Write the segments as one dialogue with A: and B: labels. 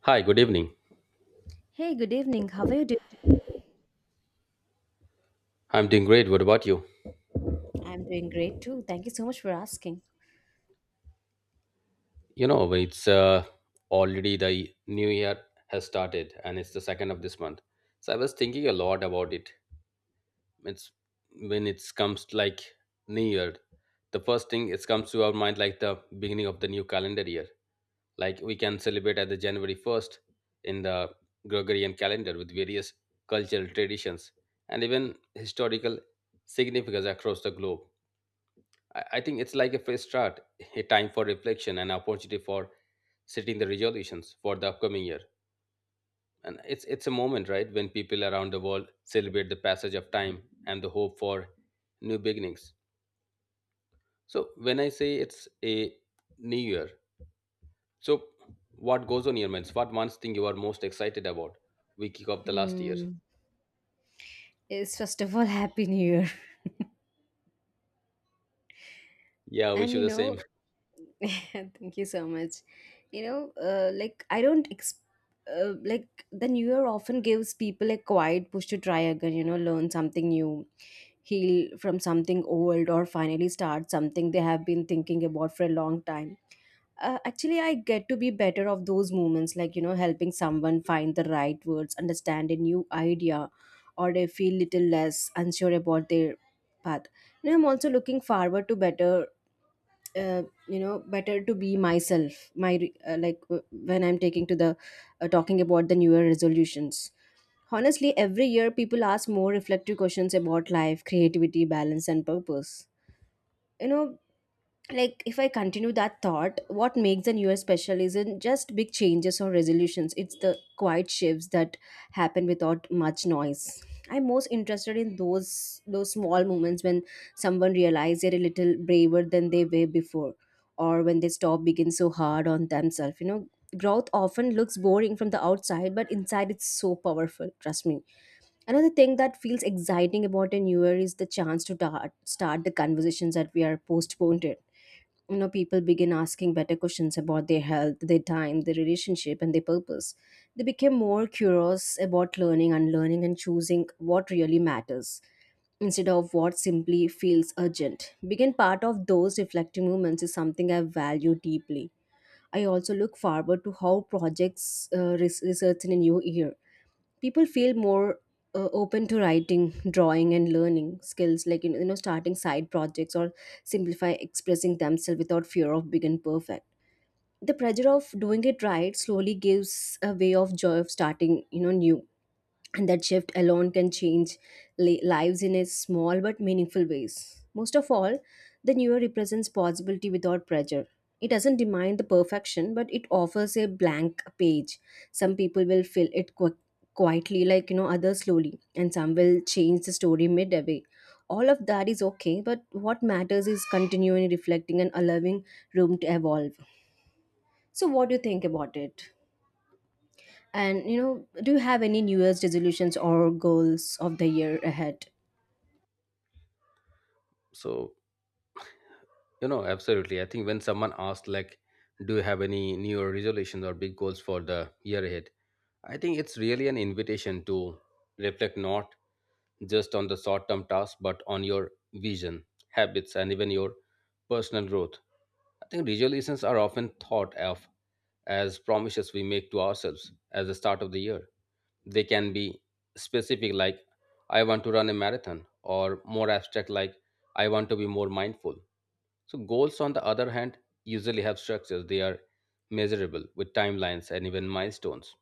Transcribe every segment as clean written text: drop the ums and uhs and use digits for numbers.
A: Hi, good evening.
B: Hey, good evening. How are you doing?
A: I'm doing great. What about you?
B: I'm doing great too. Thank you so much for asking.
A: You know, it's Already the new year has started and it's the second of this month. So I was thinking a lot about it. It's when it comes to, new year, the first thing it comes to our mind like the beginning of the new calendar year. Like we can celebrate at the January 1st in the Gregorian calendar with various cultural traditions and even historical significance across the globe. I think it's like a fresh start, a time for reflection, an opportunity for setting the resolutions for the upcoming year. And it's a moment, right, when people around the world celebrate the passage of time and the hope for new beginnings. So when I say it's a new year, so what goes on your minds? What one thing you are most excited about? We kick off the last year.
B: Hmm. It's first of all Happy New Year.
A: Yeah, we
B: And
A: should the same.
B: thank you so much. Like I don't ex- Like the new year often gives people a quiet push to try again, learn something new, heal from something old, or finally start something they have been thinking about for a long time. Actually, I get to be better of those moments, helping someone find the right words, understand a new idea, or they feel little less unsure about their path. You know, I'm also looking forward to better uh, better to be myself my re- like w- when I'm taking to the talking about the new year resolutions. Honestly, every year people ask more reflective questions about life, creativity, balance, and purpose. You know, like if I continue that thought, what makes the new year special isn't just big changes or resolutions, it's the quiet shifts that happen without much noise. I'm most interested in those small moments when someone realizes they're a little braver than they were before, or when they stop being so hard on themselves. You know, growth often looks boring from the outside, but inside it's so powerful, trust me. Another thing that feels exciting about a new year is the chance to start the conversations that we are postponed. You know, people begin asking better questions about their health, their time, their relationship, and their purpose. They became more curious about learning, unlearning, and choosing what really matters instead of what simply feels urgent. Being part of those reflective moments is something I value deeply. I also look forward to how projects research in a new year. People feel more open to writing, drawing, and learning skills, like you know, starting side projects or simplify expressing themselves without fear of being perfect. The pressure of doing it right slowly gives a way of joy of starting, you know, new, and that shift alone can change lives in a small but meaningful ways. Most of all, the new year represents possibility without pressure. It doesn't demand the perfection, but it offers a blank page. Some people will fill it quietly, like you know, others slowly, and some will change the story midway. All of that is okay, but what matters is continuing reflecting and allowing room to evolve. So, what do you think about it? And you know, do you have any New Year's resolutions or goals of the year ahead?
A: So you know, absolutely. I think when someone asks like, "Do you have any New Year resolutions or big goals for the year ahead?" I think it's really an invitation to reflect not just on the short term tasks, but on your vision, habits, and even your personal growth. I think resolutions are often thought of as promises we make to ourselves at the start of the year. They can be specific, like, I want to run a marathon, or more abstract, like, I want to be more mindful. So, goals, on the other hand, usually have structures, they are measurable with timelines and even milestones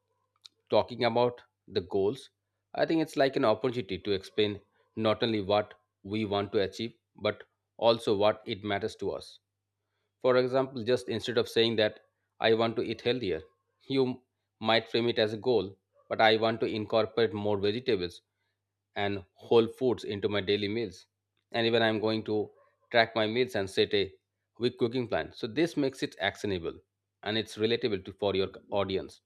A: talking about the goals, I think it's like an opportunity to explain not only what we want to achieve, but also what it matters to us. For example, just instead of saying that I want to eat healthier, you m- might frame it as a goal, but I want to incorporate more vegetables and whole foods into my daily meals. And even I'm going to track my meals and set a week cooking plan. So this makes it actionable and it's relatable to for your audience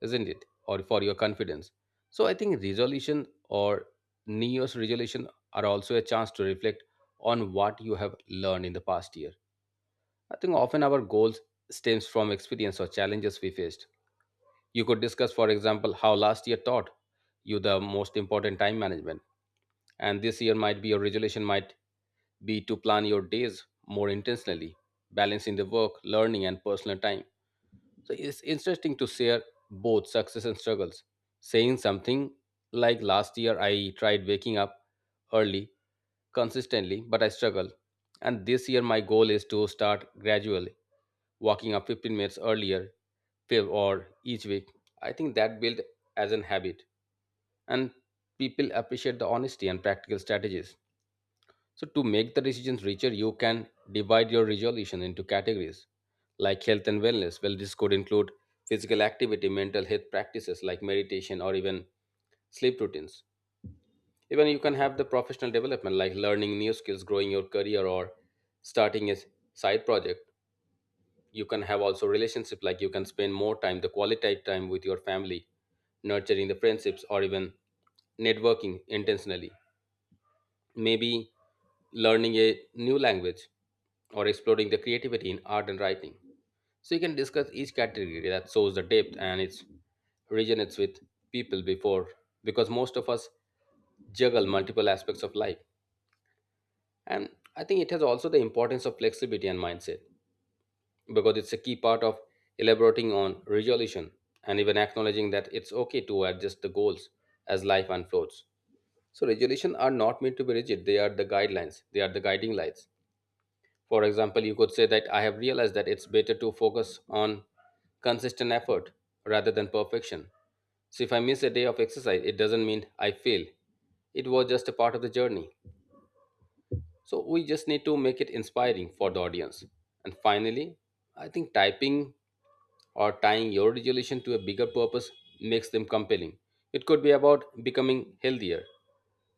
A: isn't it? Or for your confidence. So I think resolution or New Year's resolution are also a chance to reflect on what you have learned in the past year. I think often our goals stems from experience or challenges we faced. You could discuss, for example, how last year taught you the most important time management. And this year might be your resolution might be to plan your days more intentionally, balancing the work, learning, and personal time. So it's interesting to share both success and struggles. Saying something like last year I tried waking up early consistently, but I struggled. And this year my goal is to start gradually, walking up 15 minutes earlier fifth or each week. I think that built as an habit. And people appreciate the honesty and practical strategies. So, to make the decisions richer, you can divide your resolution into categories like health and wellness. Well, this could include physical activity, mental health practices like meditation, or even sleep routines. Even you can have the professional development like learning new skills, growing your career, or starting a side project. You can have also relationship like you can spend more time, the quality time with your family, nurturing the friendships, or even networking intentionally. Maybe learning a new language or exploring the creativity in art and writing. So you can discuss each category that shows the depth and it resonates with people before because most of us juggle multiple aspects of life. And I think it has also the importance of flexibility and mindset because it's a key part of elaborating on resolution and even acknowledging that it's okay to adjust the goals as life unfolds. So resolution are not meant to be rigid, they are the guidelines, they are the guiding lights. For example, you could say that I have realized that it's better to focus on consistent effort rather than perfection. So if I miss a day of exercise, it doesn't mean I fail. It was just a part of the journey. So we just need to make it inspiring for the audience. And finally, I think typing or tying your resolution to a bigger purpose makes them compelling. It could be about becoming healthier,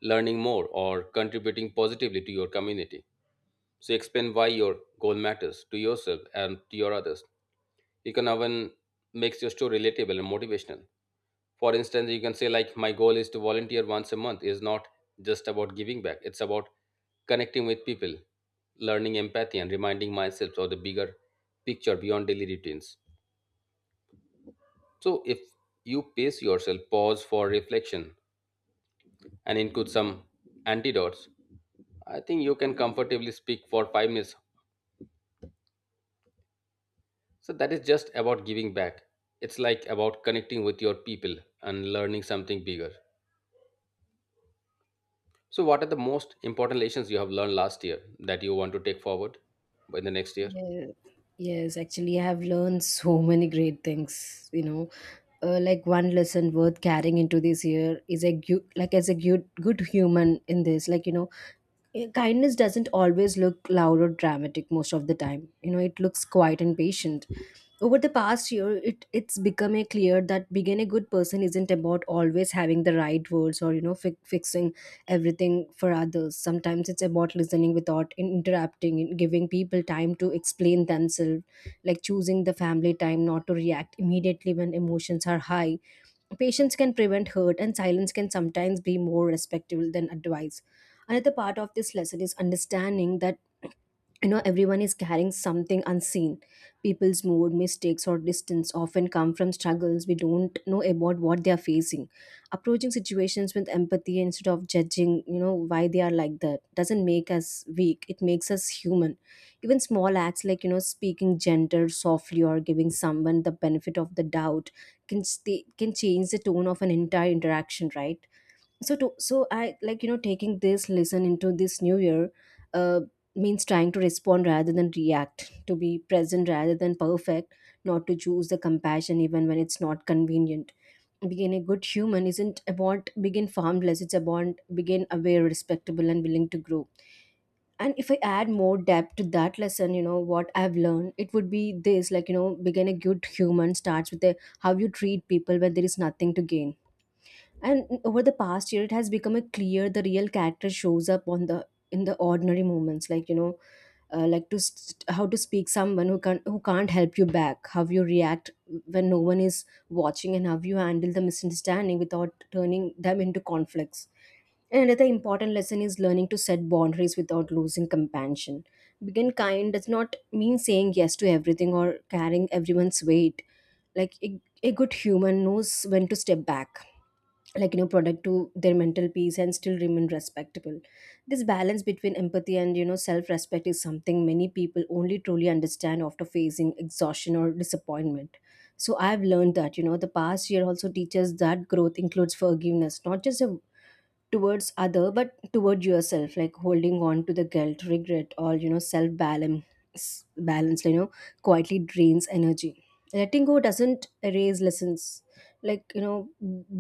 A: learning more, or contributing positively to your community. So explain why your goal matters to yourself and to your others. You can even makes your story relatable and motivational. For instance, you can say like my goal is to volunteer once a month is not just about giving back. It's about connecting with people, learning empathy and reminding myself of the bigger picture beyond daily routines. So if you pace yourself, pause for reflection and include some antidotes, I think you can comfortably speak for 5 minutes. So that is just about giving back. It's like about connecting with your people and learning something bigger. So what are the most important lessons you have learned last year that you want to take forward in the next year?
B: Yeah. Yes, actually, I have learned so many great things. Like one lesson worth carrying into this year is like as a good human in this. Kindness doesn't always look loud or dramatic most of the time. You know, it looks quiet and patient. Over the past year, it's become a clear that being a good person isn't about always having the right words or you know fixing everything for others. Sometimes it's about listening without interrupting and giving people time to explain themselves, like choosing the family time not to react immediately when emotions are high. Patience can prevent hurt, and silence can sometimes be more respectful than advice. Another part of this lesson is understanding that you know everyone is carrying something unseen. People's mood, mistakes, or distance often come from struggles we don't know about what they are facing. Approaching situations with empathy instead of judging you know why they are like that doesn't make us weak, it makes us human. Even small acts like you know speaking gentle softly or giving someone the benefit of the doubt can change the tone of an entire interaction, right? So I like you know taking this lesson into this new year uh, means trying to respond rather than react, to be present rather than perfect, not to choose the compassion even when it's not convenient. Being a good human isn't about being harmless, it's about being aware, respectable, and willing to grow. And if I add more depth to that lesson, you know what I've learned, it would be this. Like you know being a good human starts with how you treat people when there is nothing to gain. And over the past year, it has become a clear the real character shows up on the ordinary moments, like you know, how to speak someone who can't help you back, how you react when no one is watching, and how you handle the misunderstanding without turning them into conflicts. And another important lesson is learning to set boundaries without losing compassion. Being kind does not mean saying yes to everything or carrying everyone's weight. Like a good human knows when to step back, like you know product to their mental peace and still remain respectable. This balance between empathy and you know self respect is something many people only truly understand after facing exhaustion or disappointment. So I've learned that you know the past year also teaches that growth includes forgiveness, not just a towards other but toward yourself. Like holding on to the guilt, regret, or you know self balance you know quietly drains energy. Letting go doesn't erase lessons. Like you know,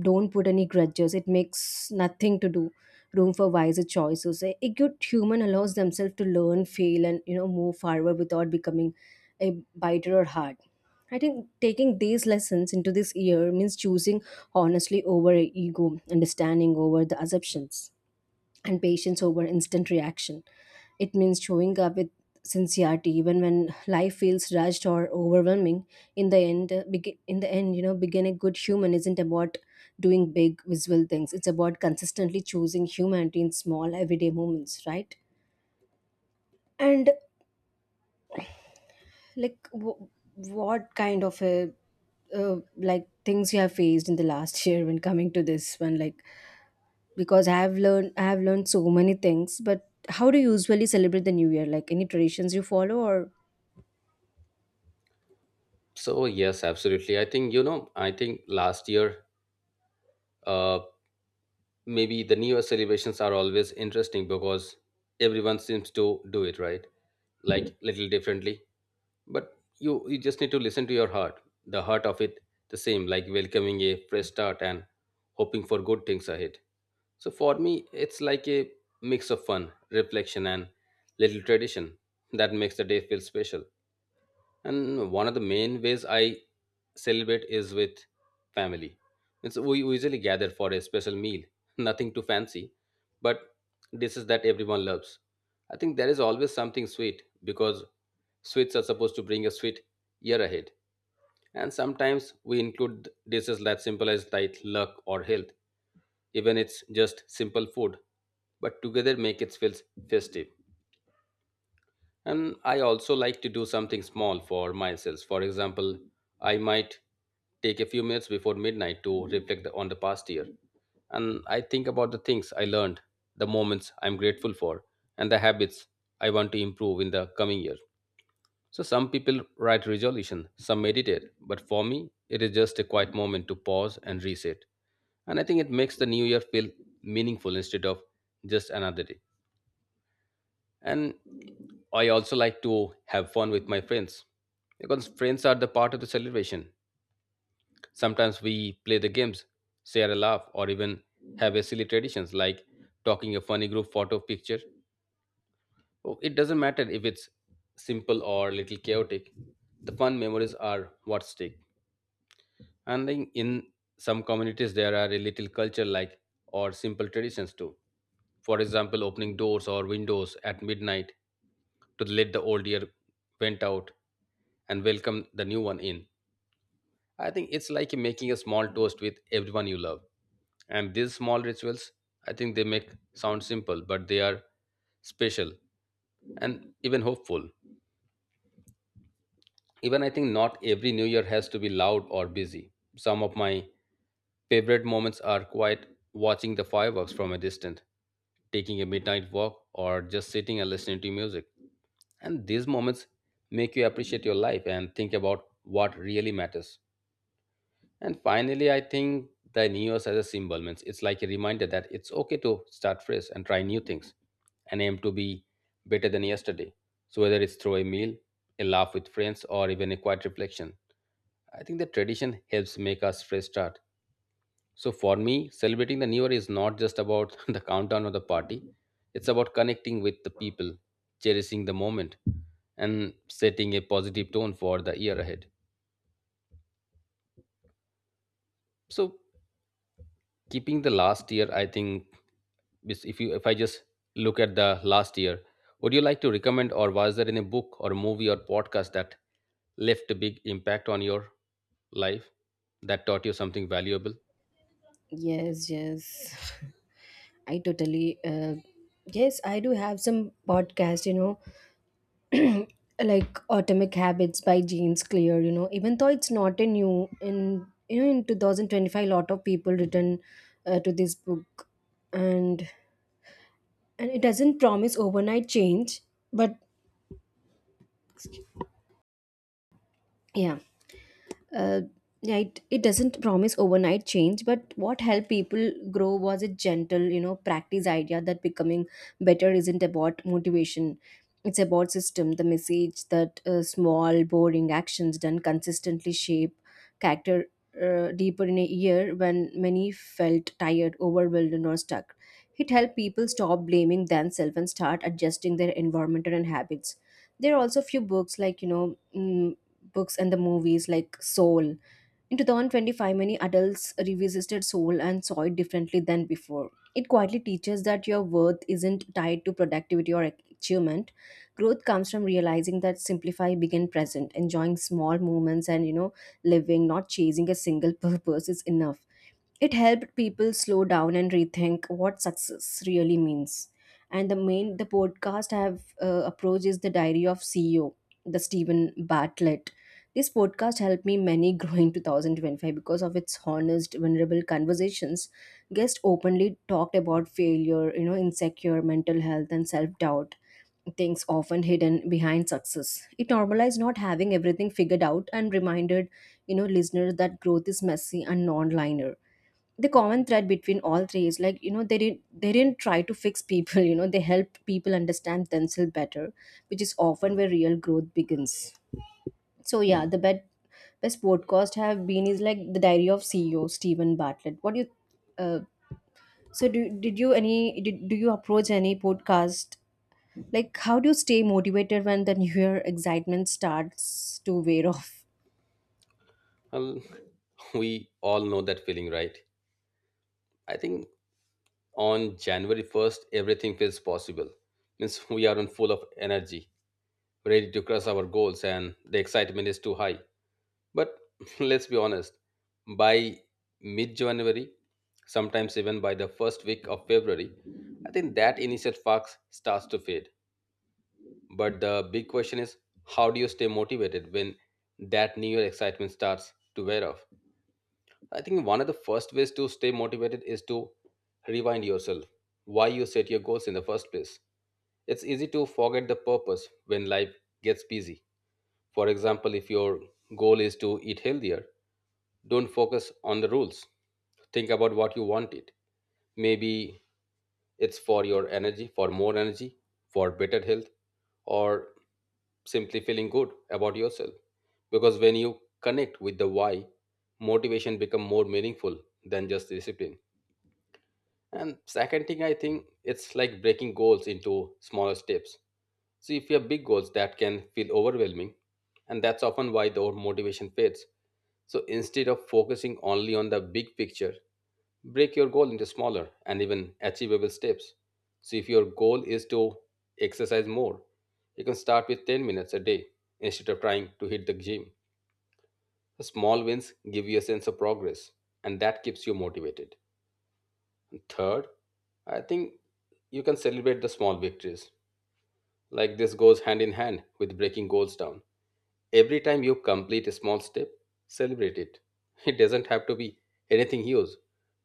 B: don't put any grudges, it makes nothing to do room for wiser choices. A good human allows themselves to learn, fail, and you know move forward without becoming a biter or hard. I think taking these lessons into this year means choosing honestly over ego, understanding over the assumptions, and patience over instant reaction. It means showing up with sincerity even when life feels rushed or overwhelming. In the end, in the end, you know, being a good human isn't about doing big visual things. It's about consistently choosing humanity in small everyday moments, right? And like, w- what kind of a like things you have faced in the last year when coming to this one, like because I have learned so many things. But how do you usually celebrate the new year? Like any traditions you follow or
A: So yes, absolutely. I think you know. I think last year, uh, maybe the New Year celebrations are always interesting because everyone seems to do it right, like Mhm. little differently. But you just need to listen to your heart. The heart of it, the same, like welcoming a fresh start and hoping for good things ahead. So for me, it's like a mix of fun, reflection, and little tradition that makes the day feel special. And one of the main ways I celebrate is with family. It's, we usually gather for a special meal, nothing too fancy, but dishes that everyone loves. I think there is always something sweet because sweets are supposed to bring a sweet year ahead. And sometimes we include dishes that symbolize like luck or health even it's just simple food but together make it feel festive. And I also like to do something small for myself. For example, I might take a few minutes before midnight to reflect on the past year, and I think about the things I learned, the moments I'm grateful for, and the habits I want to improve in the coming year. So some people write resolution, some meditate, but for me, it is just a quiet moment to pause and reset. And I think it makes the new year feel meaningful instead of just another day. And I also like to have fun with my friends because friends are the part of the celebration. Sometimes we play the games, share a laugh, or even have a silly traditions like talking a funny group photo picture. Oh, it doesn't matter if it's simple or little chaotic. The fun memories are what stick. And then in some communities, there are a little culture like or simple traditions too. For example, opening doors or windows at midnight to let the old year went out and welcome the new one in. I think it's like making a small toast with everyone you love. And these small rituals, I think they make sound simple, but they are special and even hopeful. Even I think not every New Year has to be loud or busy. Some of my favorite moments are quite watching the fireworks from a distance, taking a midnight walk, or just sitting and listening to music. And these moments make you appreciate your life and think about what really matters. And finally, I think the New Year's as a symbol means it's like a reminder that it's okay to start fresh and try new things and aim to be better than yesterday. So, whether it's through a meal, a laugh with friends, or even a quiet reflection, I think the tradition helps make us fresh start. So for me, celebrating the new year is not just about the countdown or the party. It's about connecting with the people, cherishing the moment, and setting a positive tone for the year ahead. So keeping the last year, I think is- if you if I just look at the last year, would you like to recommend or was there any book or movie or podcast that left a big impact on your life that taught you something valuable?
B: yes, yes. I totally Yes, I do have some podcast, you know, like Atomic Habits by James Clear, you know, even though it's not a new in you know in 2025, lot of people return to this book. and and it doesn't promise overnight change, but yeah uh, yeah, it doesn't promise overnight change, but what helped people grow was a gentle, you know, practice idea that becoming better isn't about motivation. It's about system. The message that small, boring actions done consistently shape character deeper in a year when many felt tired, overwhelmed, or stuck. It helped people stop blaming themselves and start adjusting their environment and habits. There are also few books like, you know, books and the movies like Soul. In 2025, many adults revisited Soul and saw it differently than before. It quietly teaches that your worth isn't tied to productivity or achievement. Growth comes from realizing that simplify begin present, enjoying small moments and you know living, not chasing a single purpose is enough. It helped people slow down and rethink what success really means. And the main the podcast I have approach is the Diary of CEO, the Stephen Bartlett. This podcast helped me many grow in 2025 because of its honest, vulnerable conversations. Guests openly talked about failure, you know, insecure, mental health, and self doubt, things often hidden behind success. It normalized not having everything figured out and reminded, you know, listeners that growth is messy and non linear. The common thread between all three is like you know they didn't try to fix people. You know, they helped people understand themselves better, which is often where real growth begins. So yeah, the best podcast have been is like the Diary of CEO, Stephen Bartlett. What do you uh, do you approach any podcast, like how do you stay motivated when the new year excitement starts to wear off?
A: Well, we all know that feeling, right? I think on January 1st, everything feels possible. Means we are on full of energy, ready to crush our goals, and the excitement is too high. But let's be honest, by mid January, sometimes even by the first week of February, I think that initial spark starts to fade. But the big question is how do you stay motivated when that new year excitement starts to wear off? I think one of the first ways to stay motivated is to rewind yourself. Why you set your goals in the first place. It's easy to forget the purpose when life gets busy. For example, if your goal is to eat healthier, don't focus on the rules. Think about what you want it. Maybe it's for your energy, for more energy, for better health, or simply feeling good about yourself, because when you connect with the why, motivation become more meaningful than just discipline. And second thing, I think it's like breaking goals into smaller steps. So if you have big goals, that can feel overwhelming, and that's often why the old motivation fades. So instead of focusing only on the big picture, break your goal into smaller and even achievable steps. So, if your goal is to exercise more, you can start with 10 minutes a day instead of trying to hit the gym. Small wins give you a sense of progress, and that keeps you motivated. Third, I think you can celebrate the small victories. Like this goes hand in hand with breaking goals down. Every time you complete a small step, celebrate it. It doesn't have to be anything huge.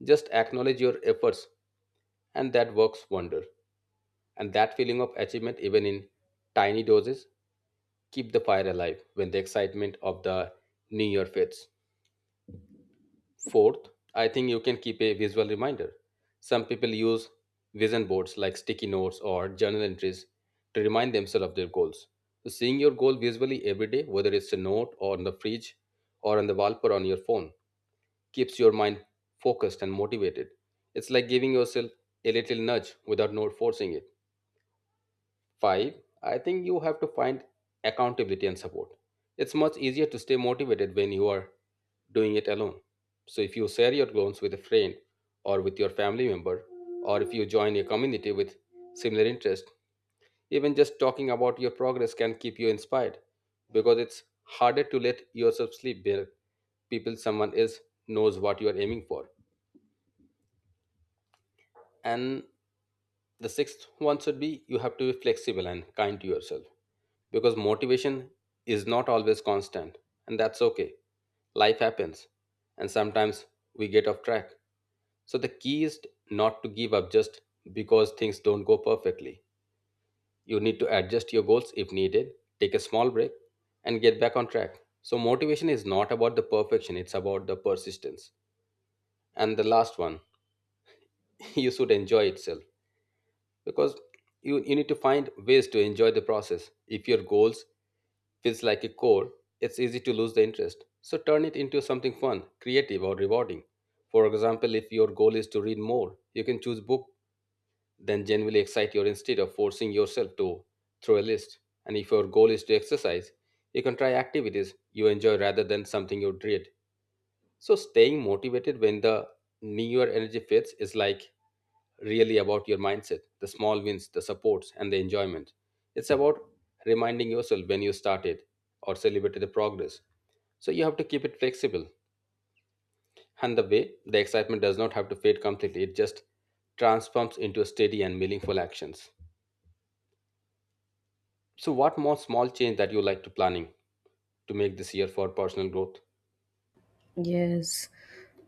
A: Just acknowledge your efforts, and that works wonder. And that feeling of achievement, even in tiny doses, keep the fire alive when the excitement of the new year fades. Fourth, I think you can keep a visual reminder. Some people use vision boards, like sticky notes or journal entries, to remind themselves of their goals. So seeing your goal visually every day, whether it's a note or on the fridge or on the wall or on your phone, keeps your mind focused and motivated. It's like giving yourself a little nudge without not forcing it. Five, I think you have to find accountability and support. It's much easier to stay motivated when you are doing it alone. So, if you share your goals with a friend or with your family member, or if you join a community with similar interest, even just talking about your progress can keep you inspired, because it's harder to let yourself sleep where people someone else knows what you are aiming for. And the sixth one should be you have to be flexible and kind to yourself, because motivation is not always constant, and that's okay. Life happens, and sometimes we get off track. So, the key is not to give up just because things don't go perfectly. You need to adjust your goals if needed, take a small break, and get back on track. So, motivation is not about the perfection, it's about the persistence. And the last one, you should enjoy itself, because you need to find ways to enjoy the process. If your goals feels like a chore, it's easy to lose the interest. So turn it into something fun, creative, or rewarding. For example, if your goal is to read more, you can choose book then genuinely excite you instead of forcing yourself to through a list. And if your goal is to exercise, you can try activities you enjoy rather than something you dread. So staying motivated when the new year energy fits is like really about your mindset, the small wins, the supports, and the enjoyment. It's about reminding yourself when you started or celebrated the progress. So you have to keep it flexible. And the way the excitement does not have to fade completely, it just transforms into steady and meaningful actions. So what more small change that you like to planning to make this year for personal growth?
B: Yes.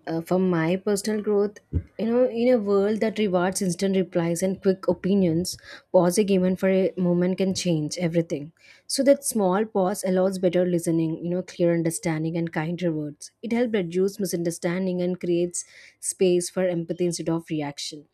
B: For my personal growth, you know, in a world that rewards instant replies and quick opinions, pausing even for a moment can change everything. So that small pause allows better listening, you know, clear understanding and kinder words. It helps reduce misunderstanding and creates space for empathy instead of reaction.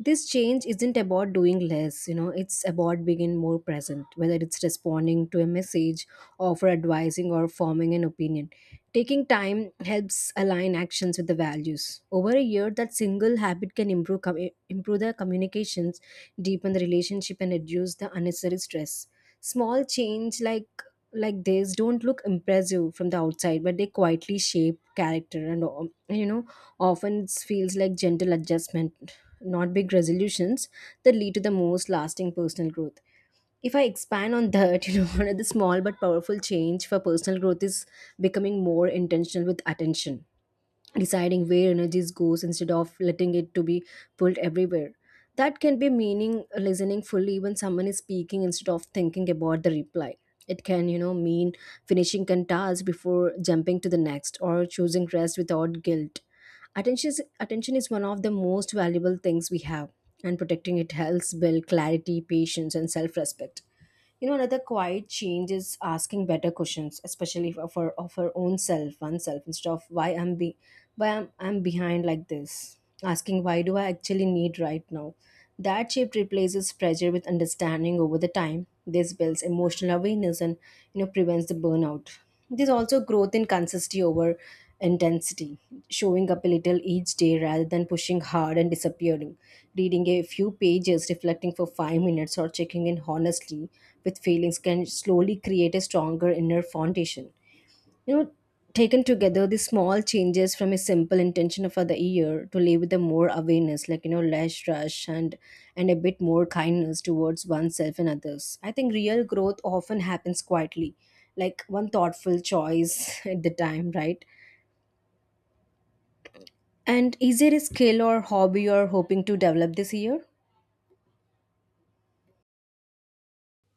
B: This change isn't about doing less, it's about being more present, whether it's responding to a message or for advising or forming an opinion. Taking time helps align actions with the values. Over a year, that single habit can improve the communications, deepen the relationship and reduce the unnecessary stress. Small change like this don't look impressive from the outside, but they quietly shape character. And often it feels like gentle adjustment, not big resolutions, that lead to the most lasting personal growth. If I expand on that, you know, one of the small but powerful change for personal growth is becoming more intentional with attention, deciding where energies goes instead of letting it to be pulled everywhere. That can be meaning, listening fully when someone is speaking instead of thinking about the reply. It can, you know, mean finishing a task before jumping to the next, or choosing rest without guilt. Attention is one of the most valuable things we have, and protecting it helps build clarity, patience and self-respect. You know, another quiet change is asking better questions, especially for of our own self, oneself. Instead of why I'm behind like this, asking why do I actually need right now. That shift replaces pressure with understanding. Over the time, this builds emotional awareness and, you know, prevents the burnout. There's also growth in consistency over intensity, showing up a little each day rather than pushing hard and disappearing. Reading a few pages, reflecting for 5 minutes, or checking in honestly with feelings can slowly create a stronger inner foundation. You know, taken together, the small changes from a simple intention for the year to live with a more awareness, like, you know, less rush and a bit more kindness towards oneself and others. I think real growth often happens quietly, like one thoughtful choice at the time, right? And is there a skill or hobby you're hoping to develop this year?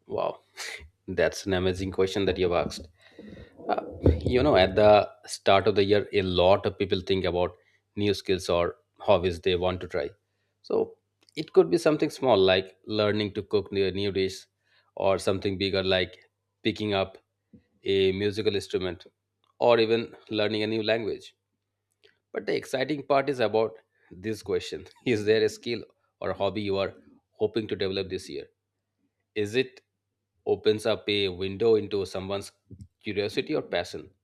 A: Wow. That's an amazing question that you've asked. Uh, you know, at the start of the year, a lot of people think about new skills or hobbies they want to try. So it could be something small like learning to cook new dish, or something bigger like picking up a musical instrument, or even learning a new language. But the exciting part is about this question: Is there a skill or hobby you are hoping to develop this year? Is it opens up a window into someone's curiosity or passion?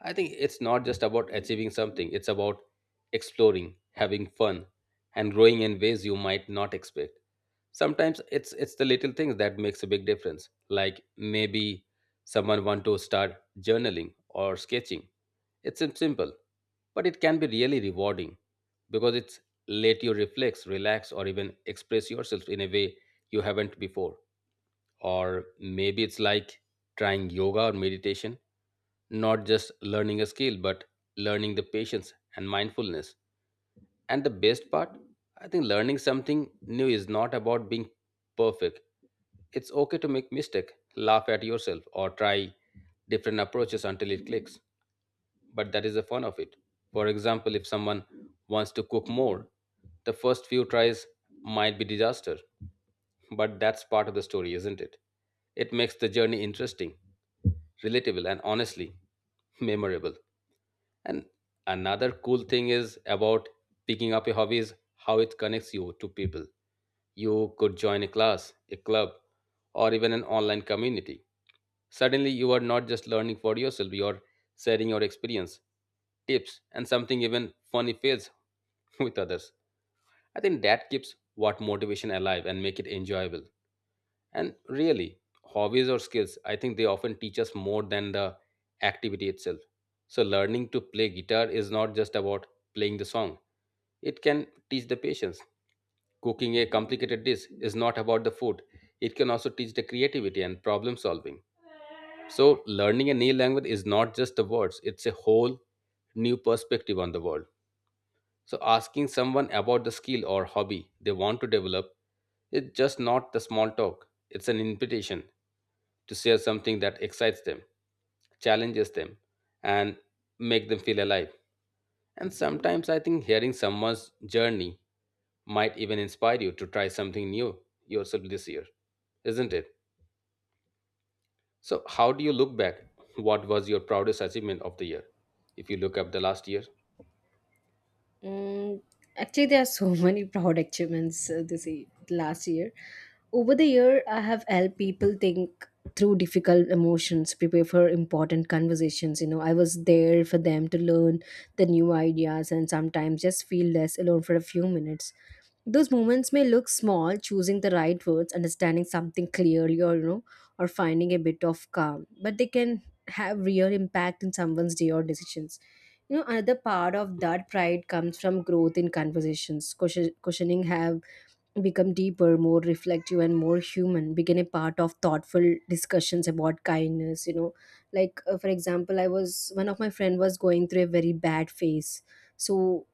A: I think it's not just about achieving something, it's about exploring, having fun, and growing in ways you might not expect. Sometimes it's the little things that makes a big difference. Like maybe someone want to start journaling or sketching. It's simple, but it can be really rewarding because it's let you reflect, relax, or even express yourself in a way you haven't before. Or maybe it's like trying yoga or meditation, not just learning a skill but learning the patience and mindfulness. And the best part, I think, learning something new is not about being perfect. It's okay to make mistake, laugh at yourself, or try different approaches until it clicks. But that is the fun of it. For example, if someone wants to cook more, the first few tries might be disaster, but that's part of the story, isn't it? It makes the journey interesting, relatable, and honestly, memorable. And another cool thing is about picking up a hobby is how it connects you to people. You could join a class, a club, or even an online community. Suddenly, you are not just learning for yourself, you are sharing your experience, tips, and something even funny fails with others. I think that keeps what motivation alive and make it enjoyable. And really, hobbies or skills, I think they often teach us more than the activity itself. So, learning to play guitar is not just about playing the song, it can teach the patience. Cooking a complicated dish is not about the food, it can also teach the creativity and problem solving. So, learning a new language is not just the words, it's a whole new perspective on the world. So, asking someone about the skill or hobby they want to develop is just not the small talk, it's an invitation to share something that excites them, challenges them, and make them feel alive. And sometimes I think hearing someone's journey might even inspire you to try something new yourself this year, isn't it? So, how do you look back? What was your proudest achievement of the year? If you look up the last year,
B: Mm, actually, there are so many proud achievements this year, last year. Over the year, I have helped people think through difficult emotions, prepare for important conversations. You know, I was there for them to learn the new ideas and sometimes just feel less alone for a few minutes. Those moments may look small, choosing the right words, understanding something clearly, or, you know, or finding a bit of calm, but they can have real impact in someone's day or decisions. You know, another part of that pride comes from growth in conversations. Questioning have become deeper, more reflective, and more human. Begin a part of thoughtful discussions about kindness. You know, like, for example, I was one of my friend was going through a very bad phase, so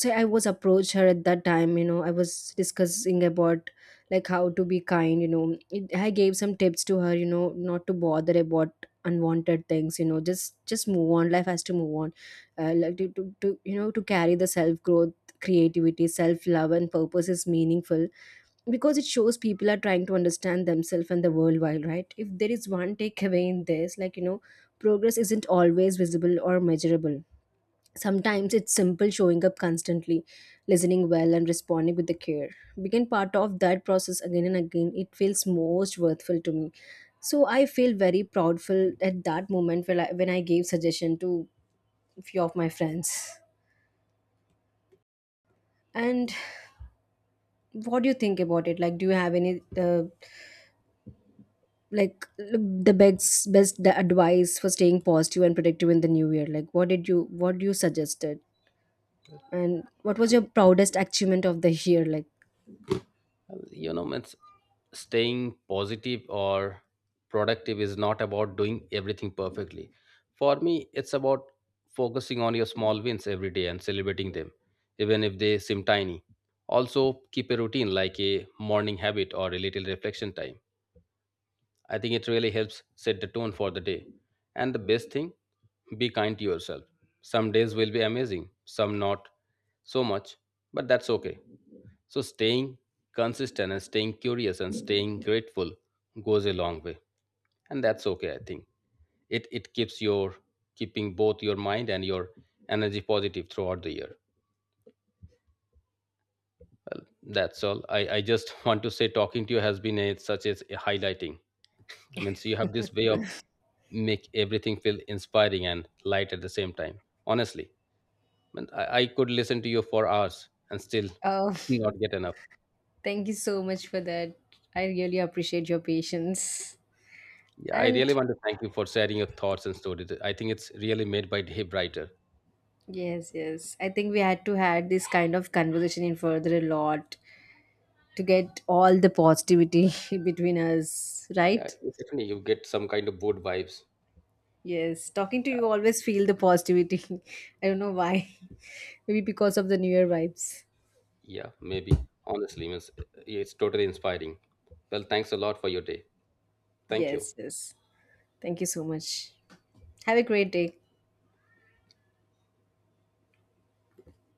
B: so I was approached her at that time. You know, I was discussing about like how to be kind. You know it, I gave some tips to her. You know, not to bother about unwanted things. You know, just move on, life has to move on. Like to, you know, to carry the self growth, creativity, self love and purpose is meaningful, because it shows people are trying to understand themselves and the world. While, right, if there is one takeaway in this, like, you know, progress isn't always visible or measurable. Sometimes it's simple, showing up constantly, listening well, and responding with the care. Being part of that process again and again, it feels most worthwhile to me. So I feel very proudful at that moment when when I gave suggestion to few of my friends. And what do you think about it? Like, do you have any, like the best advice for staying positive and productive in the new year? Like, what you suggested, and what was your
A: well,
B: proudest achievement of the year? Like.
A: you know, it's staying positive or productive is not about doing everything perfectly. For me, it's about focusing on your small wins every day and celebrating them, even if they seem tiny. Also, keep a routine like a morning habit or a little reflection time. I think it really helps set the tone for the day. And the best thing, be kind to yourself. Some days will be amazing, some not so much, but that's okay. So staying consistent and staying curious and staying grateful goes a long way. And that's okay, I think. It keeps your keeping both your mind and your energy positive throughout the year. That's all. I just want to say talking to you has been such as a highlighting. Means you have this way of make everything feel inspiring and light at the same time. Honestly, man, I could listen to you for hours and still
B: Uh,
A: not get enough.
B: Thank you so much for that. I really appreciate your patience.
A: Yeah, I really
B: And
A: want to thank you for sharing your thoughts and stories. I think it's really made my day brighter.
B: yes, yes, I think we had to had this kind of conversation in further a lot to get all the positivity between us,
A: Yeah,
B: right?
A: definitely you get some kind of good vibes.
B: Yes, talking to
A: Yeah,
B: you always feel the positivity. I don't know why. Maybe because of the new year vibes.
A: yeah, maybe. Honestly, it's totally inspiring. Well, thanks a lot for your day. Thank you.
B: Yes, yes. Thank you so much. Have a great day.